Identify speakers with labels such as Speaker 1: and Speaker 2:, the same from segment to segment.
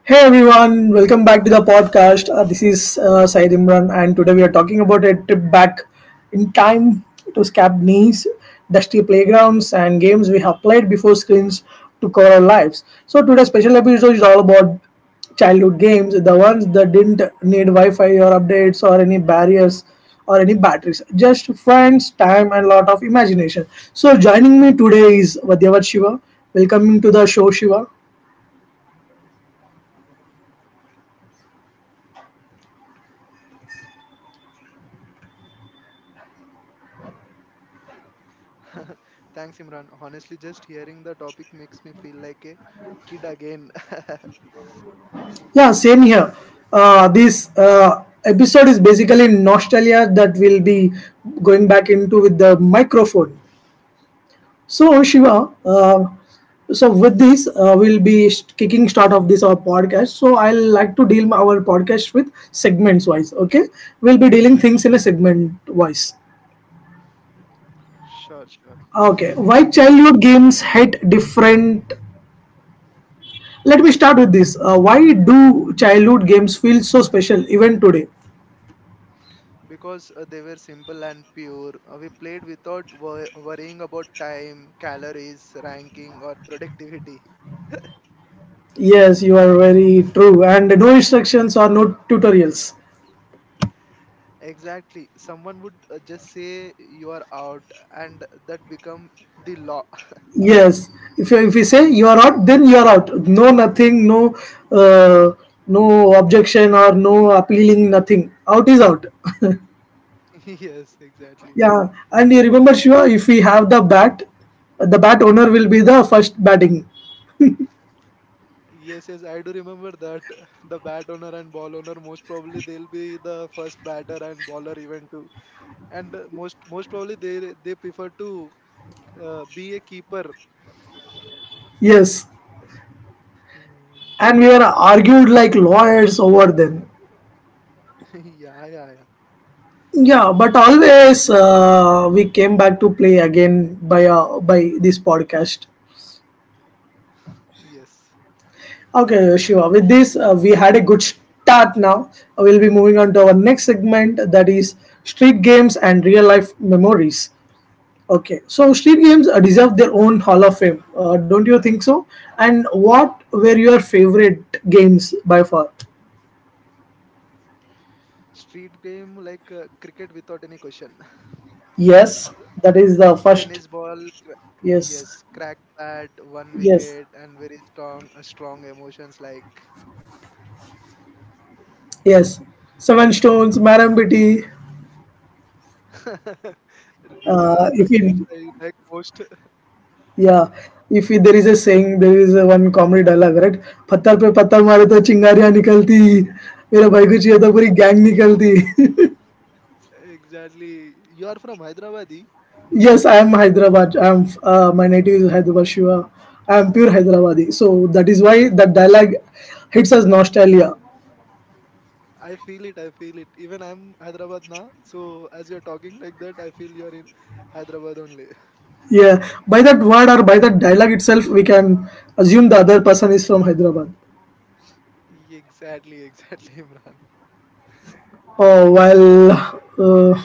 Speaker 1: Hey everyone, welcome back to the podcast. This is Syed Imran, and today we are talking about a trip back in time to Scapney's dusty playgrounds and games we have played before screens took over our lives. So today's special episode is all about childhood games, the ones that didn't need Wi Fi or updates or any barriers or any batteries, just friends, time, and lot of imagination. So joining me today is Vadyavat Shiva. Welcome to the show, Shiva.
Speaker 2: Thanks, Imran. Honestly, just hearing the topic makes me feel like a kid again.
Speaker 1: Yeah, same here. This episode is basically nostalgia that we'll be going back into with the microphone. So Shiva, with this, we'll be kicking start of this our podcast. So I'll like to deal our podcast with segments wise. Okay, we'll be dealing things in a segment wise.
Speaker 2: Sure, sure.
Speaker 1: Okay, why childhood games hit different? Let me start with this. Why do childhood games feel so special even today?
Speaker 2: Because they were simple and pure. We played without worrying about time, calories, ranking, or productivity.
Speaker 1: Yes, you are very true. And no instructions or no tutorials.
Speaker 2: Exactly. Someone would just say you are out, and that become the law.
Speaker 1: Yes, if we say you are out, then you are out. No nothing, no uh, no objection or no appealing, nothing. Out is out.
Speaker 2: Yes, exactly.
Speaker 1: Yeah, and you remember Shiva, if we have the bat owner will be the first batting.
Speaker 2: Yes, yes, I do remember that. The bat owner and ball owner, most probably they'll be the first batter and bowler even too. And most probably they prefer to be a keeper.
Speaker 1: Yes,
Speaker 2: Mm.
Speaker 1: and we were argued like lawyers over then.
Speaker 2: Yeah, yeah, yeah.
Speaker 1: Yeah, but always we came back to play again by this podcast.
Speaker 2: Yes.
Speaker 1: Okay, Shiva. With this, we had a good start now. We'll be moving on to our next segment, that is street games and real life memories. Okay, so street games deserve their own Hall of Fame. Don't you think so? And what were your favorite games by far?
Speaker 2: Street game like cricket without any question.
Speaker 1: Yes, that is the
Speaker 2: Tennis
Speaker 1: first.
Speaker 2: ball, cra- yes,
Speaker 1: Yes,
Speaker 2: crack bat, one wicket,
Speaker 1: yes,
Speaker 2: and very strong strong emotions like
Speaker 1: yes. Seven Stones, Madam Bitty.
Speaker 2: yeah, the
Speaker 1: If
Speaker 2: games
Speaker 1: you
Speaker 2: I like most.
Speaker 1: Yeah, if you, there is a saying, there is a one comedy dialogue, right? पत्थर पे पत्थर मारे तो चिंगारियां निकलती मेरे भाई को चाहिए तो पूरी गैंग निकलती.
Speaker 2: Exactly. You are from Hyderabad, eh?
Speaker 1: Yes, I am hyderabad, I am my native is hyderabad, Shiva. I am pure hyderabadi, so that is why that dialogue hits us nostalgia.
Speaker 2: I feel it. I feel it. Even I'm Hyderabad now. So as you're talking like that, I feel you're in Hyderabad only.
Speaker 1: Yeah, by that word or by that dialogue itself we can assume the other person is from hyderabad.
Speaker 2: Exactly, exactly, Imran.
Speaker 1: Oh well, uh,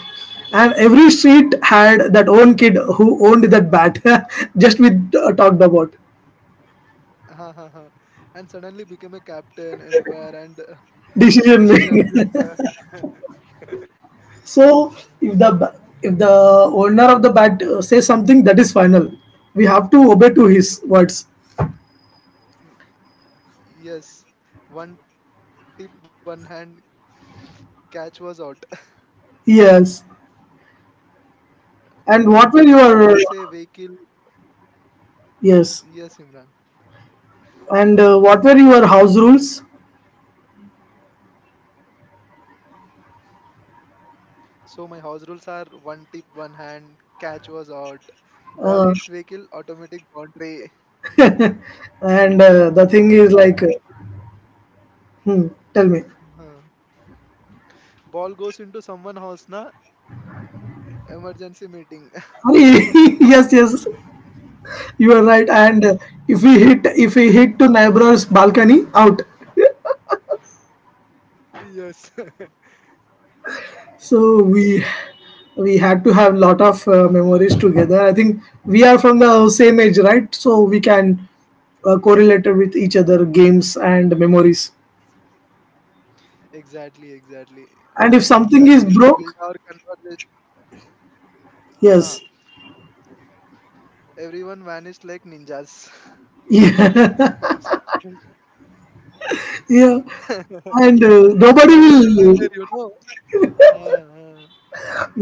Speaker 1: and every street had that own kid who owned that bat. Just we talked about
Speaker 2: Ha, ha, ha. And suddenly became a captain, empire, and
Speaker 1: decision
Speaker 2: decision
Speaker 1: making.
Speaker 2: maker.
Speaker 1: So if the owner of the bat says something, that is final. We have to obey to his words.
Speaker 2: Y- Yes, one tip, one hand, catch was out.
Speaker 1: Yes.
Speaker 2: Like ball
Speaker 1: And
Speaker 2: hits a
Speaker 1: what were
Speaker 2: vehicle.
Speaker 1: your
Speaker 2: Yes, Imran.
Speaker 1: yes? And what were your house rules?
Speaker 2: So my house rules are one tip, one hand, catch was out. Ball hits vehicle,
Speaker 1: Uh,
Speaker 2: automatic boundary.
Speaker 1: and the
Speaker 2: And
Speaker 1: thing is like, hmm, tell
Speaker 2: uh,
Speaker 1: me.
Speaker 2: ball goes into someone house, na emergency meeting.
Speaker 1: Yes, yes. You are right. And if we hit to neighbor's balcony, out.
Speaker 2: Yes.
Speaker 1: So we had to have lot of memories together. I think we are from the same age, right? So we can correlate with each other games and memories.
Speaker 2: Exactly, exactly. Like
Speaker 1: And if
Speaker 2: that
Speaker 1: something
Speaker 2: will
Speaker 1: is
Speaker 2: build our
Speaker 1: broke,
Speaker 2: conversation. Uh-huh.
Speaker 1: yes,
Speaker 2: Everyone vanished like ninjas.
Speaker 1: yeah,
Speaker 2: If something is-
Speaker 1: yeah. And
Speaker 2: no one will be there, you know. Uh-huh, uh-huh.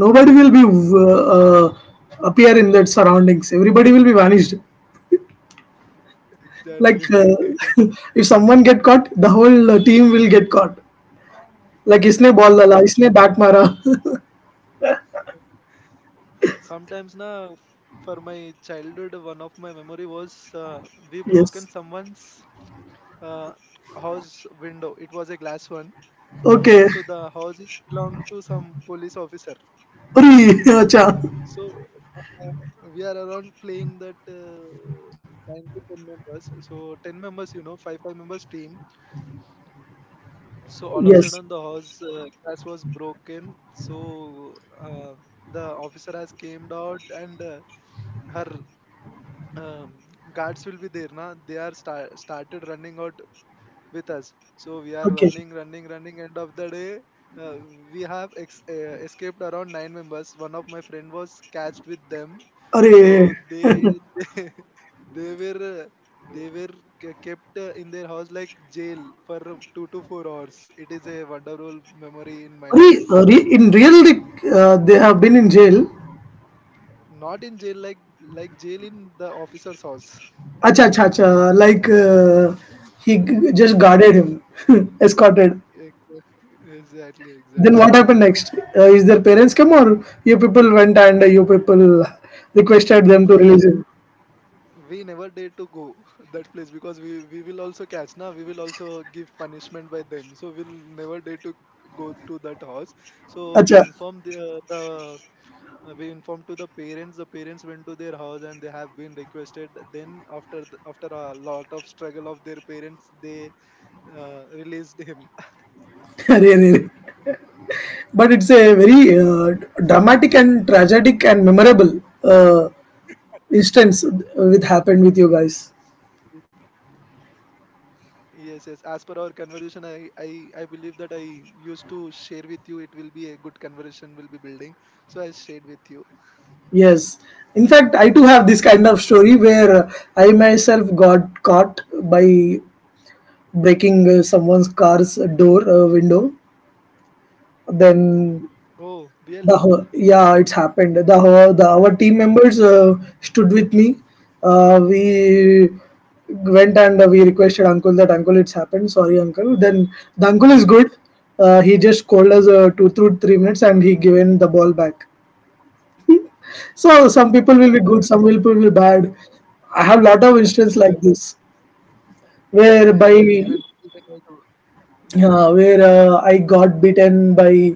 Speaker 1: nobody will be uh, uh, appear in that surroundings. Everybody will be vanished.
Speaker 2: Exactly.
Speaker 1: Like if someone get caught, the whole team will get caught. Like इसने ball
Speaker 2: uh
Speaker 1: डाला, इसने bat मारा.
Speaker 2: Sometimes na for my childhood, one of my memory was we broken
Speaker 1: Yes.
Speaker 2: someone's uh, house window. It was a glass one. So
Speaker 1: Okay.
Speaker 2: the house is belongs to some police officer.
Speaker 1: अरे अच्छा.
Speaker 2: So we are around playing that nine to ten members. So ten members, you know, five members team. So all of a sudden the
Speaker 1: Yes.
Speaker 2: horse glass was broken. So uh, the officer has came out and her um, guards will be there. Na they are started running out with us. So we are
Speaker 1: Okay.
Speaker 2: running, running, running. End of the day, uh, we have escaped around nine members. One of my friend was catched with them, so
Speaker 1: अरे
Speaker 2: they they, they were uh, they were kept in their house like jail for 2 to 4 hours. It is a wonderful memory in my
Speaker 1: अरे
Speaker 2: life.
Speaker 1: अरे in real they have been in jail.
Speaker 2: Not in jail like jail in the officer's house.
Speaker 1: अच्छा अच्छा अच्छा. Like he just guarded him, escorted.
Speaker 2: Ex- Exactly,
Speaker 1: Then
Speaker 2: exactly.
Speaker 1: what happened next? Is their parents come or you people went and you people requested them to
Speaker 2: We
Speaker 1: release him?
Speaker 2: we never dare to go that place because we will also catch na we will also give punishment by them, so we'll never dare to go to that house. So we
Speaker 1: अच्छा
Speaker 2: informed the we informed to the parents. The parents went to their house and they have been requested. Then after after a lot of struggle of their parents, they released him.
Speaker 1: अरे अरे अरे. But it's a very dramatic and tragic and memorable instance with happened with you guys.
Speaker 2: Yes, yes. As per our conversation, I believe that I used to share with you. It will be a good conversation. Will be building. So I shared with you.
Speaker 1: Yes, in fact I too have this kind of story where I myself got caught by breaking someone's car's door, window,
Speaker 2: Oh,
Speaker 1: then
Speaker 2: really?
Speaker 1: the whole, yeah, it's happened. The whole, the our team members stood with me. We went and we requested uncle that uncle it's happened. Sorry, uncle. Then the uncle is good. He just called us 2 through 3 minutes and he given the ball back. So some people will be good, some people will be bad. I have lot of
Speaker 2: Yes,
Speaker 1: instances like this
Speaker 2: yes, yes.
Speaker 1: whereby
Speaker 2: Even, even I do.
Speaker 1: yeah, where I got beaten by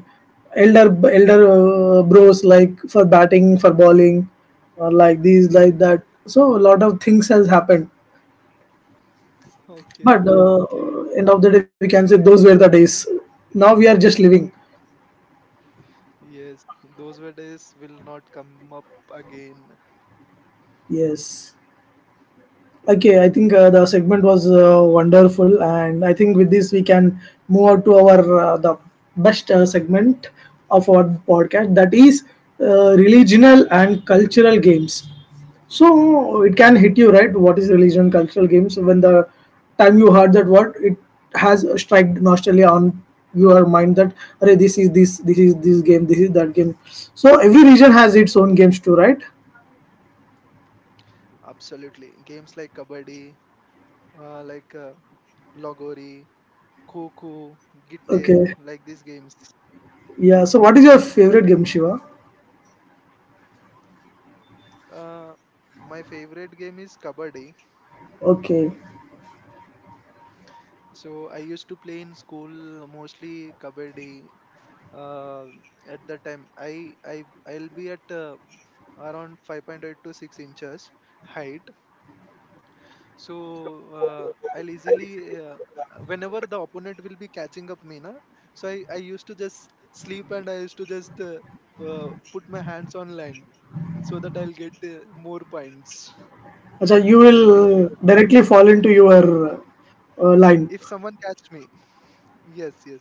Speaker 1: elder bros like for batting, for bowling, or like these, like that. So a lot of things has happened.
Speaker 2: Okay, okay,
Speaker 1: But
Speaker 2: okay.
Speaker 1: end of the day, we can say those were the days. Now we are just living.
Speaker 2: Yes, those were days will not come up again.
Speaker 1: Yes. Okay, I think the segment was wonderful, and I think with this we can move on to our the best segment of our podcast, that is religional and cultural games. So it can hit you right. What is religion, cultural games? When the time you heard that word, it has struck nostalgia on your mind that "Arey, this is this game, this is that game." So every region has its own games too, right?
Speaker 2: Absolutely. Games like Kabaddi, like Logori, Kho Gitte, like these
Speaker 1: Okay,
Speaker 2: games.
Speaker 1: yeah. So what is your favorite game, Shiva?
Speaker 2: Uh, my favorite game is Kabaddi.
Speaker 1: Okay.
Speaker 2: So I used to play in school mostly Kabaddi. Uh, at that time, I'll be at around 5.8 to 6 inches height. So I'll easily, uh, whenever the opponent will be catching up me na, so I used to just sleep and I used to just put my hands on line so that I'll get more points
Speaker 1: Achha, you
Speaker 2: in cover
Speaker 1: will directly fall into your
Speaker 2: if
Speaker 1: line.
Speaker 2: someone catch me. Yes, yes.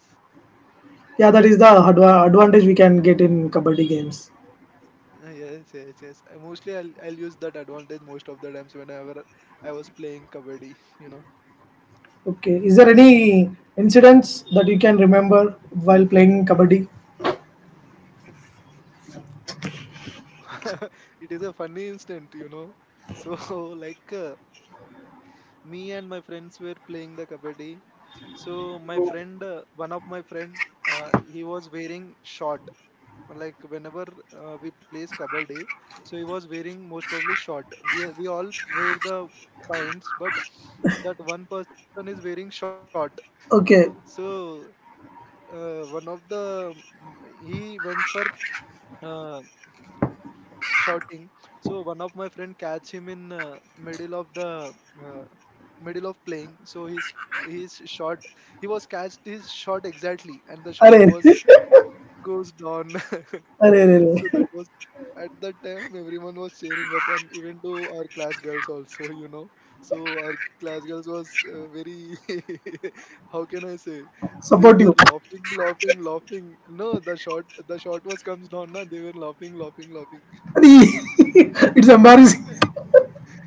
Speaker 1: Yeah, that is the advantage we can get in kabaddi games.
Speaker 2: Yes, yes, yes. Mostly, I'll use that advantage most of the times whenever I was playing kabaddi, you know.
Speaker 1: Okay. Is there any incidents that you can remember while playing kabaddi?
Speaker 2: It is a funny instant, you know. So like me and my friends were playing the kabaddi. So my friend, one of my friend, he was wearing short. Like whenever we plays kabaddi, so he was wearing most probably short. We all wear the pants, but that one person is wearing short.
Speaker 1: Okay.
Speaker 2: So one of the he went for uh, shouting. So one of my friend catch him in middle of the uh, middle of playing, so his shot, he was catched his shot exactly, and the shot
Speaker 1: Arey,
Speaker 2: was
Speaker 1: arey,
Speaker 2: goes down.
Speaker 1: arey, arey.
Speaker 2: So that was at that time everyone was cheering up, and even to our class girls also, you know. So our class girls was very, how can I say, they
Speaker 1: Support
Speaker 2: were
Speaker 1: you.
Speaker 2: laughing, laughing, laughing. No, the shot was comes down. Na, they were laughing, laughing, laughing.
Speaker 1: Arey. It's embarrassing.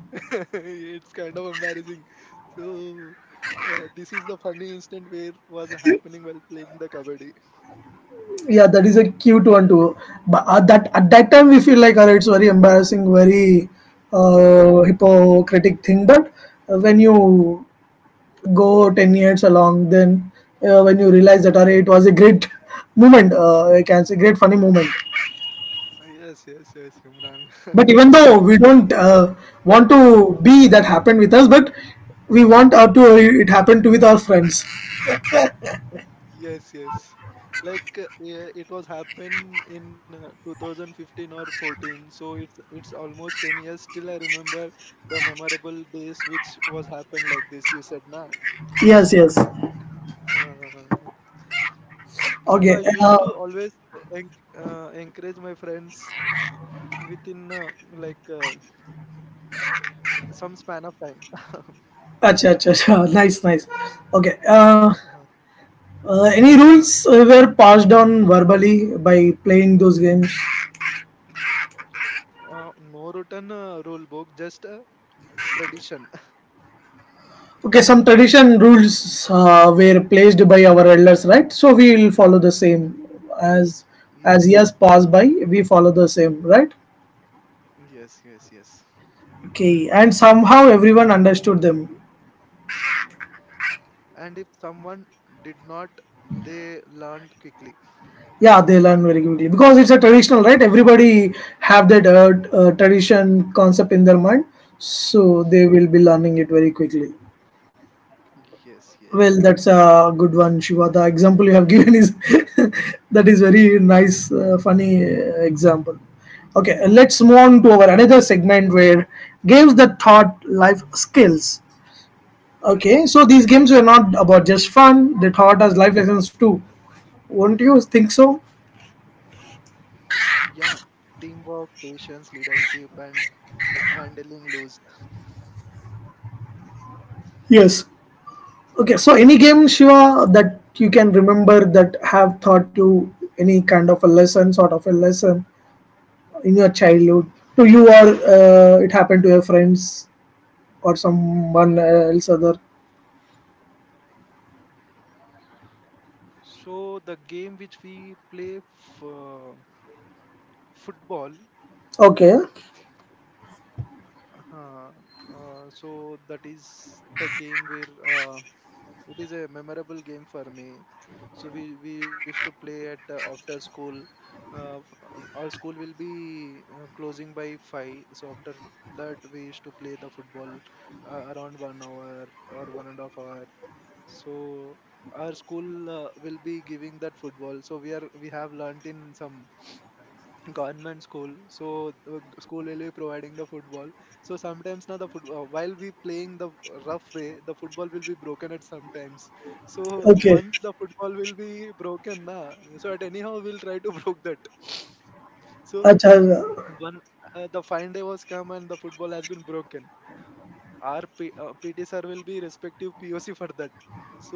Speaker 2: It's kind of embarrassing. So, this is the funny instant where was happening while playing the kabaddi.
Speaker 1: Yeah, that is a cute one too. But at that, at that time we feel like, alright, it's very embarrassing, very hypocritic thing. But when you go 10 years along, then when you realize that array it was a great moment, I can say great funny moment.
Speaker 2: Yes, yes, yes, Imran.
Speaker 1: But even though we don't want to be that happened with us, but we want to it happened to with our friends.
Speaker 2: Yes, yes. Like yeah, it was happened in 2015 or 14. So it's almost 10 years. Still, I remember the memorable days which was happened like this. You said, na.
Speaker 1: Yes, yes.
Speaker 2: Uh, so I used
Speaker 1: Okay,
Speaker 2: to always encourage my friends within like some span of time.
Speaker 1: acha, acha, acha. Nice, nice. Okay, any rules were passed on verbally by playing those games?
Speaker 2: No written rule book, just a tradition.
Speaker 1: Okay, some tradition rules were placed by our elders, right? So we will follow the same as
Speaker 2: Yes,
Speaker 1: as years pass by, we follow the same, right?
Speaker 2: yes, yes, yes.
Speaker 1: Okay, and somehow everyone understood them.
Speaker 2: And if someone did not, they learned quickly.
Speaker 1: Yeah, they learn very quickly because it's a traditional, right? Everybody have that tradition concept in their mind, so they will be learning it very quickly.
Speaker 2: Yes, yes.
Speaker 1: Well, that's a good one, Shiva. The example you have given is that is very nice, funny example. Okay, let's move on to our another segment where games that taught life skills. Okay, so these games were not about just fun; they taught us life lessons too. Won't you think so?
Speaker 2: Yeah, teamwork, patience, leadership, and handling lose.
Speaker 1: Yes. Okay, so any game, Shiva, that you can remember that have taught you any kind of a lesson, sort of a lesson, in your childhood to you or it happened to your friends or someone else other
Speaker 2: So the game which we play, football.
Speaker 1: okay
Speaker 2: Uh, so that is the game where uh, it is a memorable game for me. So we used to play at after school. Our school will be closing by five. So after that, we used to play the football around 1 hour or one and a half hour. So our school will be giving that football. So we are we have learnt in some government school, so the school will be providing the football. So sometimes now the football while we playing the rough way, the football will be broken at sometimes. So
Speaker 1: okay.
Speaker 2: once the football will be broken na, so at anyhow we'll try to broke that. So
Speaker 1: Acha,
Speaker 2: one the fine day was come and the football has been broken. Our pt sir will be respective poc for that. So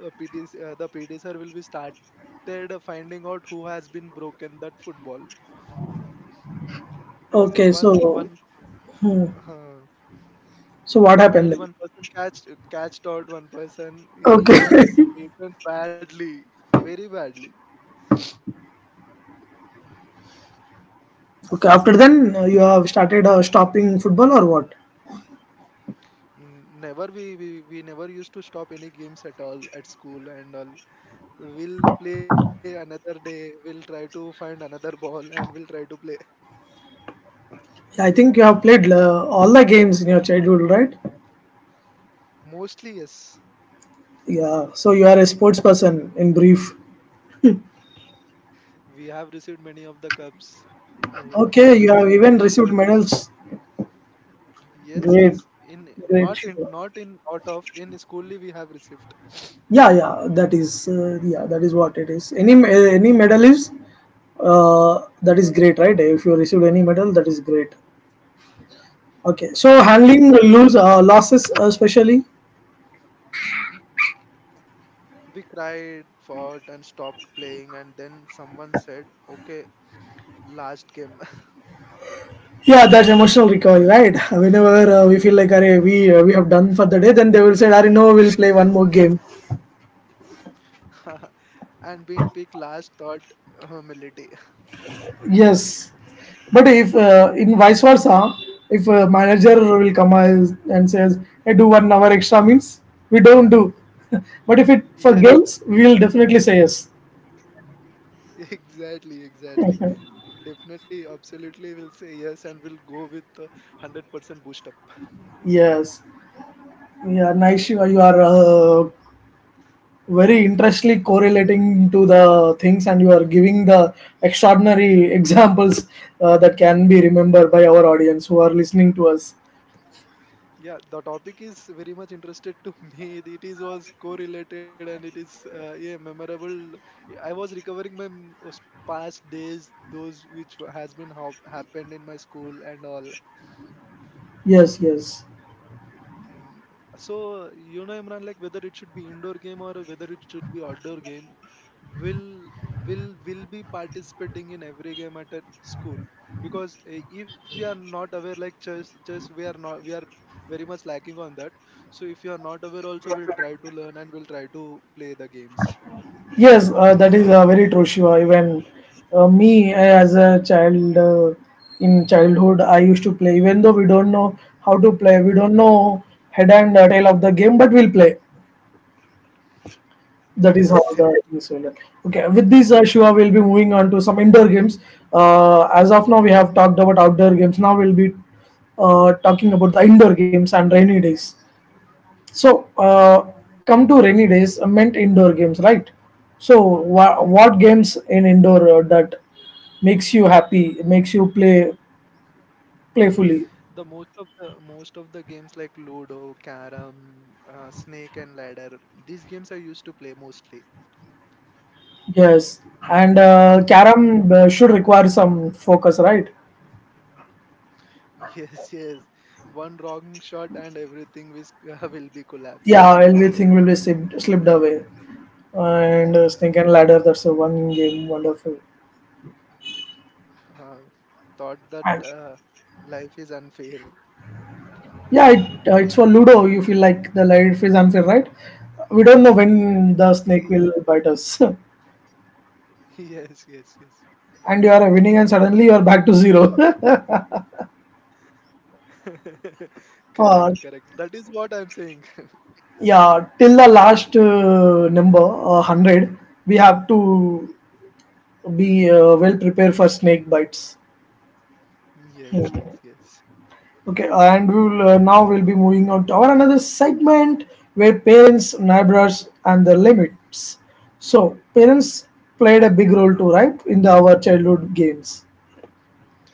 Speaker 2: PT, the pt sir will be started finding out who has been broken that football. So
Speaker 1: okay
Speaker 2: one one
Speaker 1: so hmm.
Speaker 2: uh,
Speaker 1: So what
Speaker 2: finally
Speaker 1: happened
Speaker 2: one
Speaker 1: then?
Speaker 2: person catched out one person. He
Speaker 1: Okay.
Speaker 2: was beaten badly, very badly.
Speaker 1: Okay, after then you have started stopping football or what?
Speaker 2: Never we, we never used to stop any games at all at school and all. We'll play another day. We'll try to find another ball and we'll try to play.
Speaker 1: Yeah, I think you have played all the games in your childhood, right?
Speaker 2: Mostly yes,
Speaker 1: Yeah, so you are a sports person in brief.
Speaker 2: we have received many of the cups. We have
Speaker 1: Okay,
Speaker 2: received
Speaker 1: you
Speaker 2: many
Speaker 1: have
Speaker 2: of the
Speaker 1: even received medals.
Speaker 2: yes yes in
Speaker 1: Great.
Speaker 2: not in
Speaker 1: Great.
Speaker 2: not in out of in schoolly we have received.
Speaker 1: Yeah, yeah, that is what it is. Any any medal is that is great, right? If you received any medal, that is great.
Speaker 2: Yes,
Speaker 1: Okay,
Speaker 2: yes.
Speaker 1: so handling lose losses, especially
Speaker 2: We cried, fought, and stopped playing, and then someone said, okay, last game.
Speaker 1: yeah, that's emotional recovery, right? Whenever we feel like, "Arey, we have done for the day," then they will say, "Arey, no, we'll play one more game."
Speaker 2: And being picked last thought humility.
Speaker 1: Yes, but if in vice versa, if a manager will come and says, "I do 1 hour extra," means we don't do. But if it for
Speaker 2: Yes,
Speaker 1: games, we will definitely say yes.
Speaker 2: exactly, exactly. Definitely, absolutely, we'll say yes and we'll go with 100% boost up.
Speaker 1: Yes, yeah, nice. You are very interestingly correlating to the things, and you are giving the extraordinary examples that can be remembered by our audience who are listening to us.
Speaker 2: Yeah, the topic is very much interested to me. It is was correlated and it is yeah memorable. I was recovering my past days, those which has been happened in my school and all.
Speaker 1: Yes, yes.
Speaker 2: Mm. So, you know, Imran, like whether it should be indoor game or whether it should be outdoor game, will will be participating in every game at a school because eh, if we are not aware, like chess we are not we are very much lacking on that. So if you are not aware, also we'll try to learn and we'll try to play the games.
Speaker 1: Yes, that is very true, Shiva. Even me as a child, in childhood, I used to play. Even though we don't know how to play, we don't know head and tail of the game, but we'll play. That is how
Speaker 2: Yes, yes.
Speaker 1: the things will. Okay, with this, Shiva, we'll be moving on to some indoor games. As of now, we have talked about outdoor games. Now we'll be talking about the indoor games and rainy days. So, come to rainy days, meant indoor games, right? So, wha what games in indoor that makes you happy, makes you play playfully?
Speaker 2: The most of the Most of the games like Ludo, Carom, Snake and Ladder, these games I used to play mostly.
Speaker 1: Yes, and carom should require some focus, right?
Speaker 2: Yes, yes. One wrong shot and everything will, will be collapsed.
Speaker 1: Yeah, everything will be slipped, slipped away, and snake and ladder. That's a one game, wonderful.
Speaker 2: Uh, Thought that
Speaker 1: And
Speaker 2: life is unfair.
Speaker 1: yeah, it, it's for Ludo. You feel like the light is unfair, right? We don't know
Speaker 2: Y-
Speaker 1: when the snake will bite us.
Speaker 2: Yes, yes, yes.
Speaker 1: And you are winning, and suddenly you are back to zero.
Speaker 2: Correct,
Speaker 1: uh,
Speaker 2: correct. That is what I'm saying.
Speaker 1: yeah, till the last number 100, we have to be well prepared for snake bites.
Speaker 2: Yes, yes,
Speaker 1: Hmm.
Speaker 2: yes.
Speaker 1: Okay, and we'll now we'll be moving on to our another segment where parents, neighbors, and the limits. So parents played a big role too, right, in our childhood games.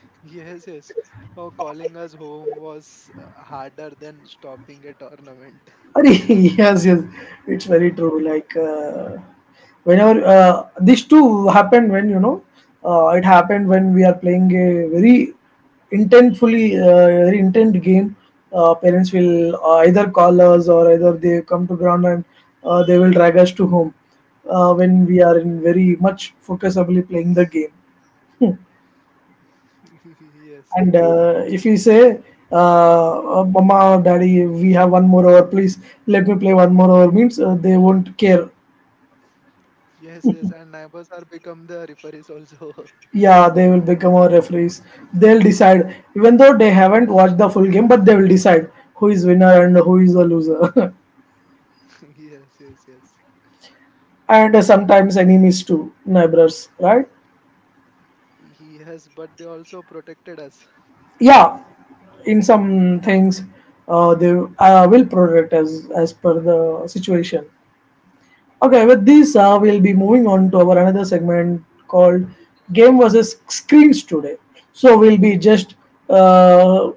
Speaker 2: Yes, yes. Oh, calling us home was harder than stopping a tournament.
Speaker 1: Arey, yes, yes, it's very true. Like whenever this too happened when it happened when we are playing a very intentfully very intent game. Parents will either call us or either they come to ground and they will drag us to home when we are in very much focusably playing the game.
Speaker 2: Yes, yes.
Speaker 1: And if we say, Mama, or Daddy, we have one more hour, please let me play one more hour, means they won't care.
Speaker 2: Yes, yes. And neighbors are become the referees also.
Speaker 1: Yeah, they will become our referees. They'll decide, even though they haven't watched the full game, but they will decide who is winner and who is a loser.
Speaker 2: Yes, yes, yes.
Speaker 1: And sometimes enemies too, neighbors, right?
Speaker 2: Yes, but they also protected us.
Speaker 1: Yeah, in some things, they will protect as per the situation. Okay, we'll be moving on to our another segment called Game versus Screens today. So we'll be just uh,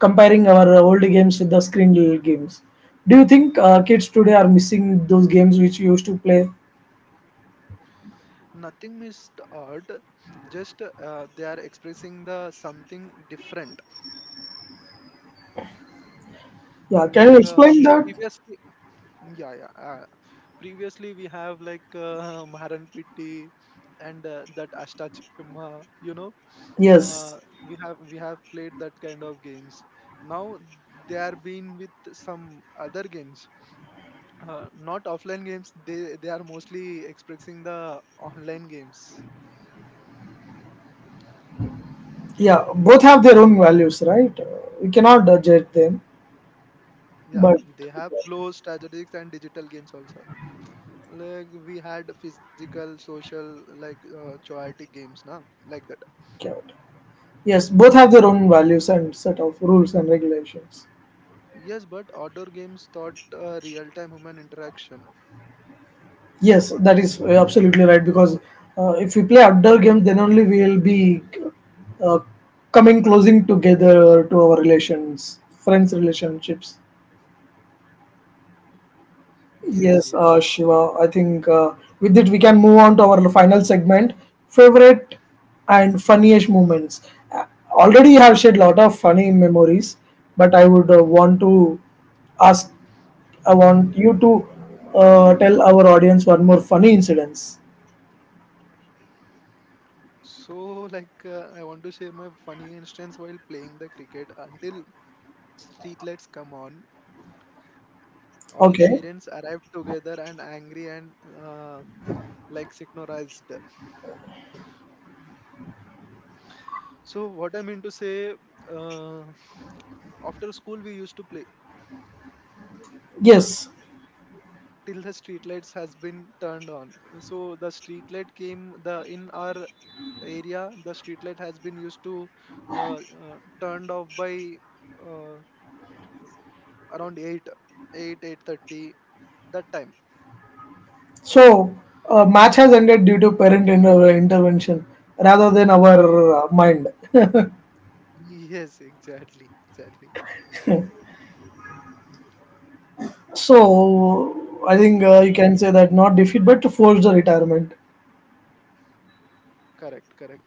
Speaker 1: comparing our old games with the screen games. Do you think kids today are missing those games which you used to play?
Speaker 2: Nothing missed art, just they are expressing the something different.
Speaker 1: Yeah, can
Speaker 2: Like
Speaker 1: you explain that?
Speaker 2: previously, yeah, yeah. Previously we have like Maran Pitti and that Ashta, you know. Uh,
Speaker 1: Yes.
Speaker 2: we have played that kind of games. Now they are being with some other games, not offline games. They are mostly expressing the online games.
Speaker 1: Yeah, both have their own values, right? We cannot judge them,
Speaker 2: Yeah,
Speaker 1: but
Speaker 2: they have closed strategics and digital games also. Like we had physical, social, like chaotic games, na, like that.
Speaker 1: yeah, okay. Yes, both have their own values and set of rules and regulations.
Speaker 2: Yes, but outdoor games taught real-time human interaction.
Speaker 1: Yes, that is absolutely right because if we play outdoor games, then only we will be uh, coming closing together to our relations, friends' relationships.
Speaker 2: Yes,
Speaker 1: Yes,
Speaker 2: yes, yeah.
Speaker 1: Shiva, I think with it we can move on to our final segment, favorite and funniest moments. Already you have shared lot of funny memories, but I would want to ask, I want you to tell our audience one more funny incidents.
Speaker 2: So, like, I want to share my funny instance while playing the cricket. Until streetlights come on, all
Speaker 1: Okay.
Speaker 2: parents arrived together and angry and uh, like synchronized. So, what I mean to say, uh, after school we used to play
Speaker 1: Yes.
Speaker 2: till the street lights has been turned on. So the street light came the in our area the street light has been used to uh, turned off by uh, around 8:30. That time
Speaker 1: So, match has ended due to parent inter- intervention rather than our mind.
Speaker 2: yes exactly exactly.
Speaker 1: So, I think you
Speaker 2: Mm,
Speaker 1: can say that not defeat but to force the retirement.
Speaker 2: correct, correct.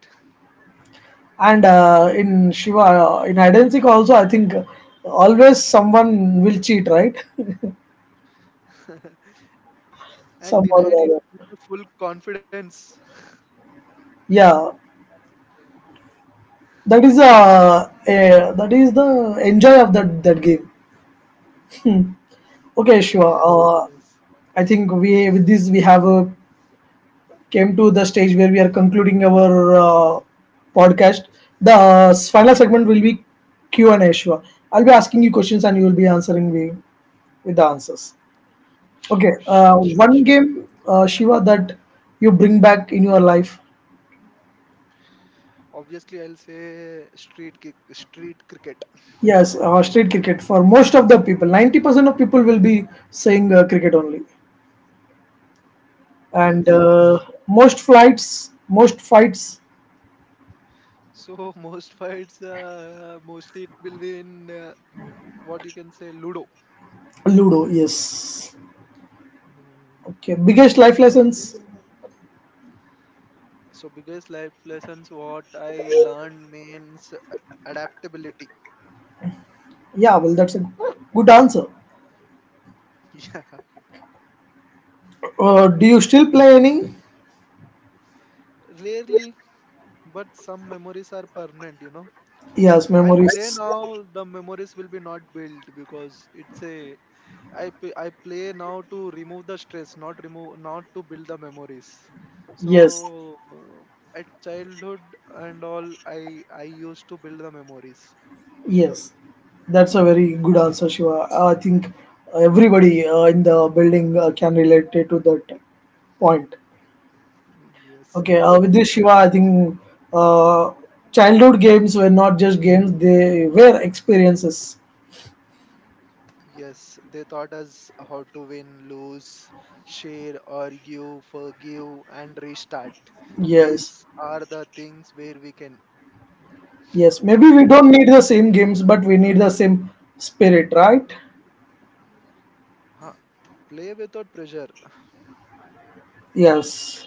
Speaker 1: And in Shiva, in hide and seek also, I think always someone will cheat, right?
Speaker 2: And
Speaker 1: Some or
Speaker 2: denied it
Speaker 1: the
Speaker 2: with the
Speaker 1: other.
Speaker 2: full confidence.
Speaker 1: Yeah, that is that is the enjoy of that game.
Speaker 2: Yes, yes, yes.
Speaker 1: Okay, Shiva. I think we with this we have came to the stage where we are concluding our podcast. The final segment will be Q and A. Shiva, I'll be asking you questions and you will be answering me with the answers.
Speaker 2: Sure,
Speaker 1: Okay,
Speaker 2: sure, sure.
Speaker 1: one game, Shiva, that you bring back in your life.
Speaker 2: Obviously I'll say street cricket.
Speaker 1: Yes, street cricket for most of the people. 90% of people will be saying cricket only,
Speaker 2: Yes, yes.
Speaker 1: and most flights, most fights,
Speaker 2: So most fights, mostly it will be in what you can say Ludo.
Speaker 1: Ludo. Yes.
Speaker 2: Mm.
Speaker 1: Okay, biggest life lessons.
Speaker 2: So biggest life lessons what I learned means adaptability.
Speaker 1: Yeah, well, that's a good answer.
Speaker 2: Yeah,
Speaker 1: Do you still play any?
Speaker 2: rarely, but some memories are permanent, you know.
Speaker 1: Yes,
Speaker 2: I play
Speaker 1: memories.
Speaker 2: now, the memories will be not built because it's a I play now to remove the stress, not remove, not to build the memories. So
Speaker 1: Yes,
Speaker 2: at childhood and all, I used to build the memories.
Speaker 1: yes. That's a very good answer, Shiva. I think everybody in the building can relate to that point.
Speaker 2: Yes,
Speaker 1: Okay,
Speaker 2: yes,
Speaker 1: with this,
Speaker 2: Imran.
Speaker 1: Shiva, I think uh, childhood games were not just games, they were experiences.
Speaker 2: Yes, they taught us how to win, lose, share, argue, forgive, and restart.
Speaker 1: Yes,
Speaker 2: These are the things where we can
Speaker 1: yes. Maybe we
Speaker 2: uh,
Speaker 1: don't need the same games, but we need the same spirit, right?
Speaker 2: huh, play without pressure,
Speaker 1: Yes,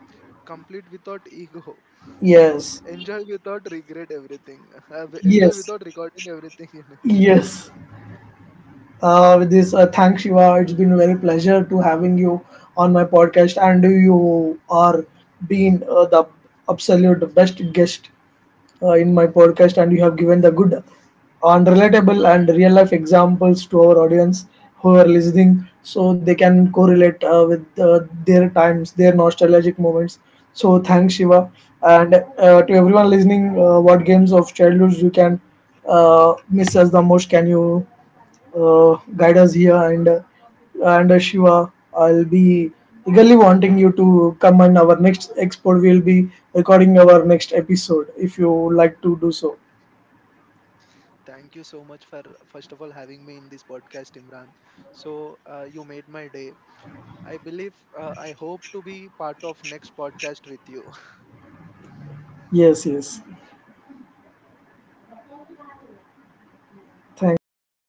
Speaker 2: complete without ego.
Speaker 1: yes,
Speaker 2: Enjoy without regret everything. Enjoy
Speaker 1: yes.
Speaker 2: without recording everything. You know.
Speaker 1: Yes. With this, thanks, Shiva. It's been a very pleasure to having you on my podcast, and you are being the absolute best guest in my podcast, and you have given the good and relatable and real life examples to our audience who are listening, so they can correlate with their times, their nostalgic moments. So thanks, Shiva, and to everyone listening, what games of childhood you can miss as the most? Can you guide us here and Shiva, I'll be eagerly wanting you to come on our next export. We'll be recording our next episode if you would like to do so.
Speaker 2: Thank you so much for first of all having me in this podcast, Imran. So you made my day. I believe I hope to be part of next podcast with you.
Speaker 1: Yes, yes. Thanks, Shiva.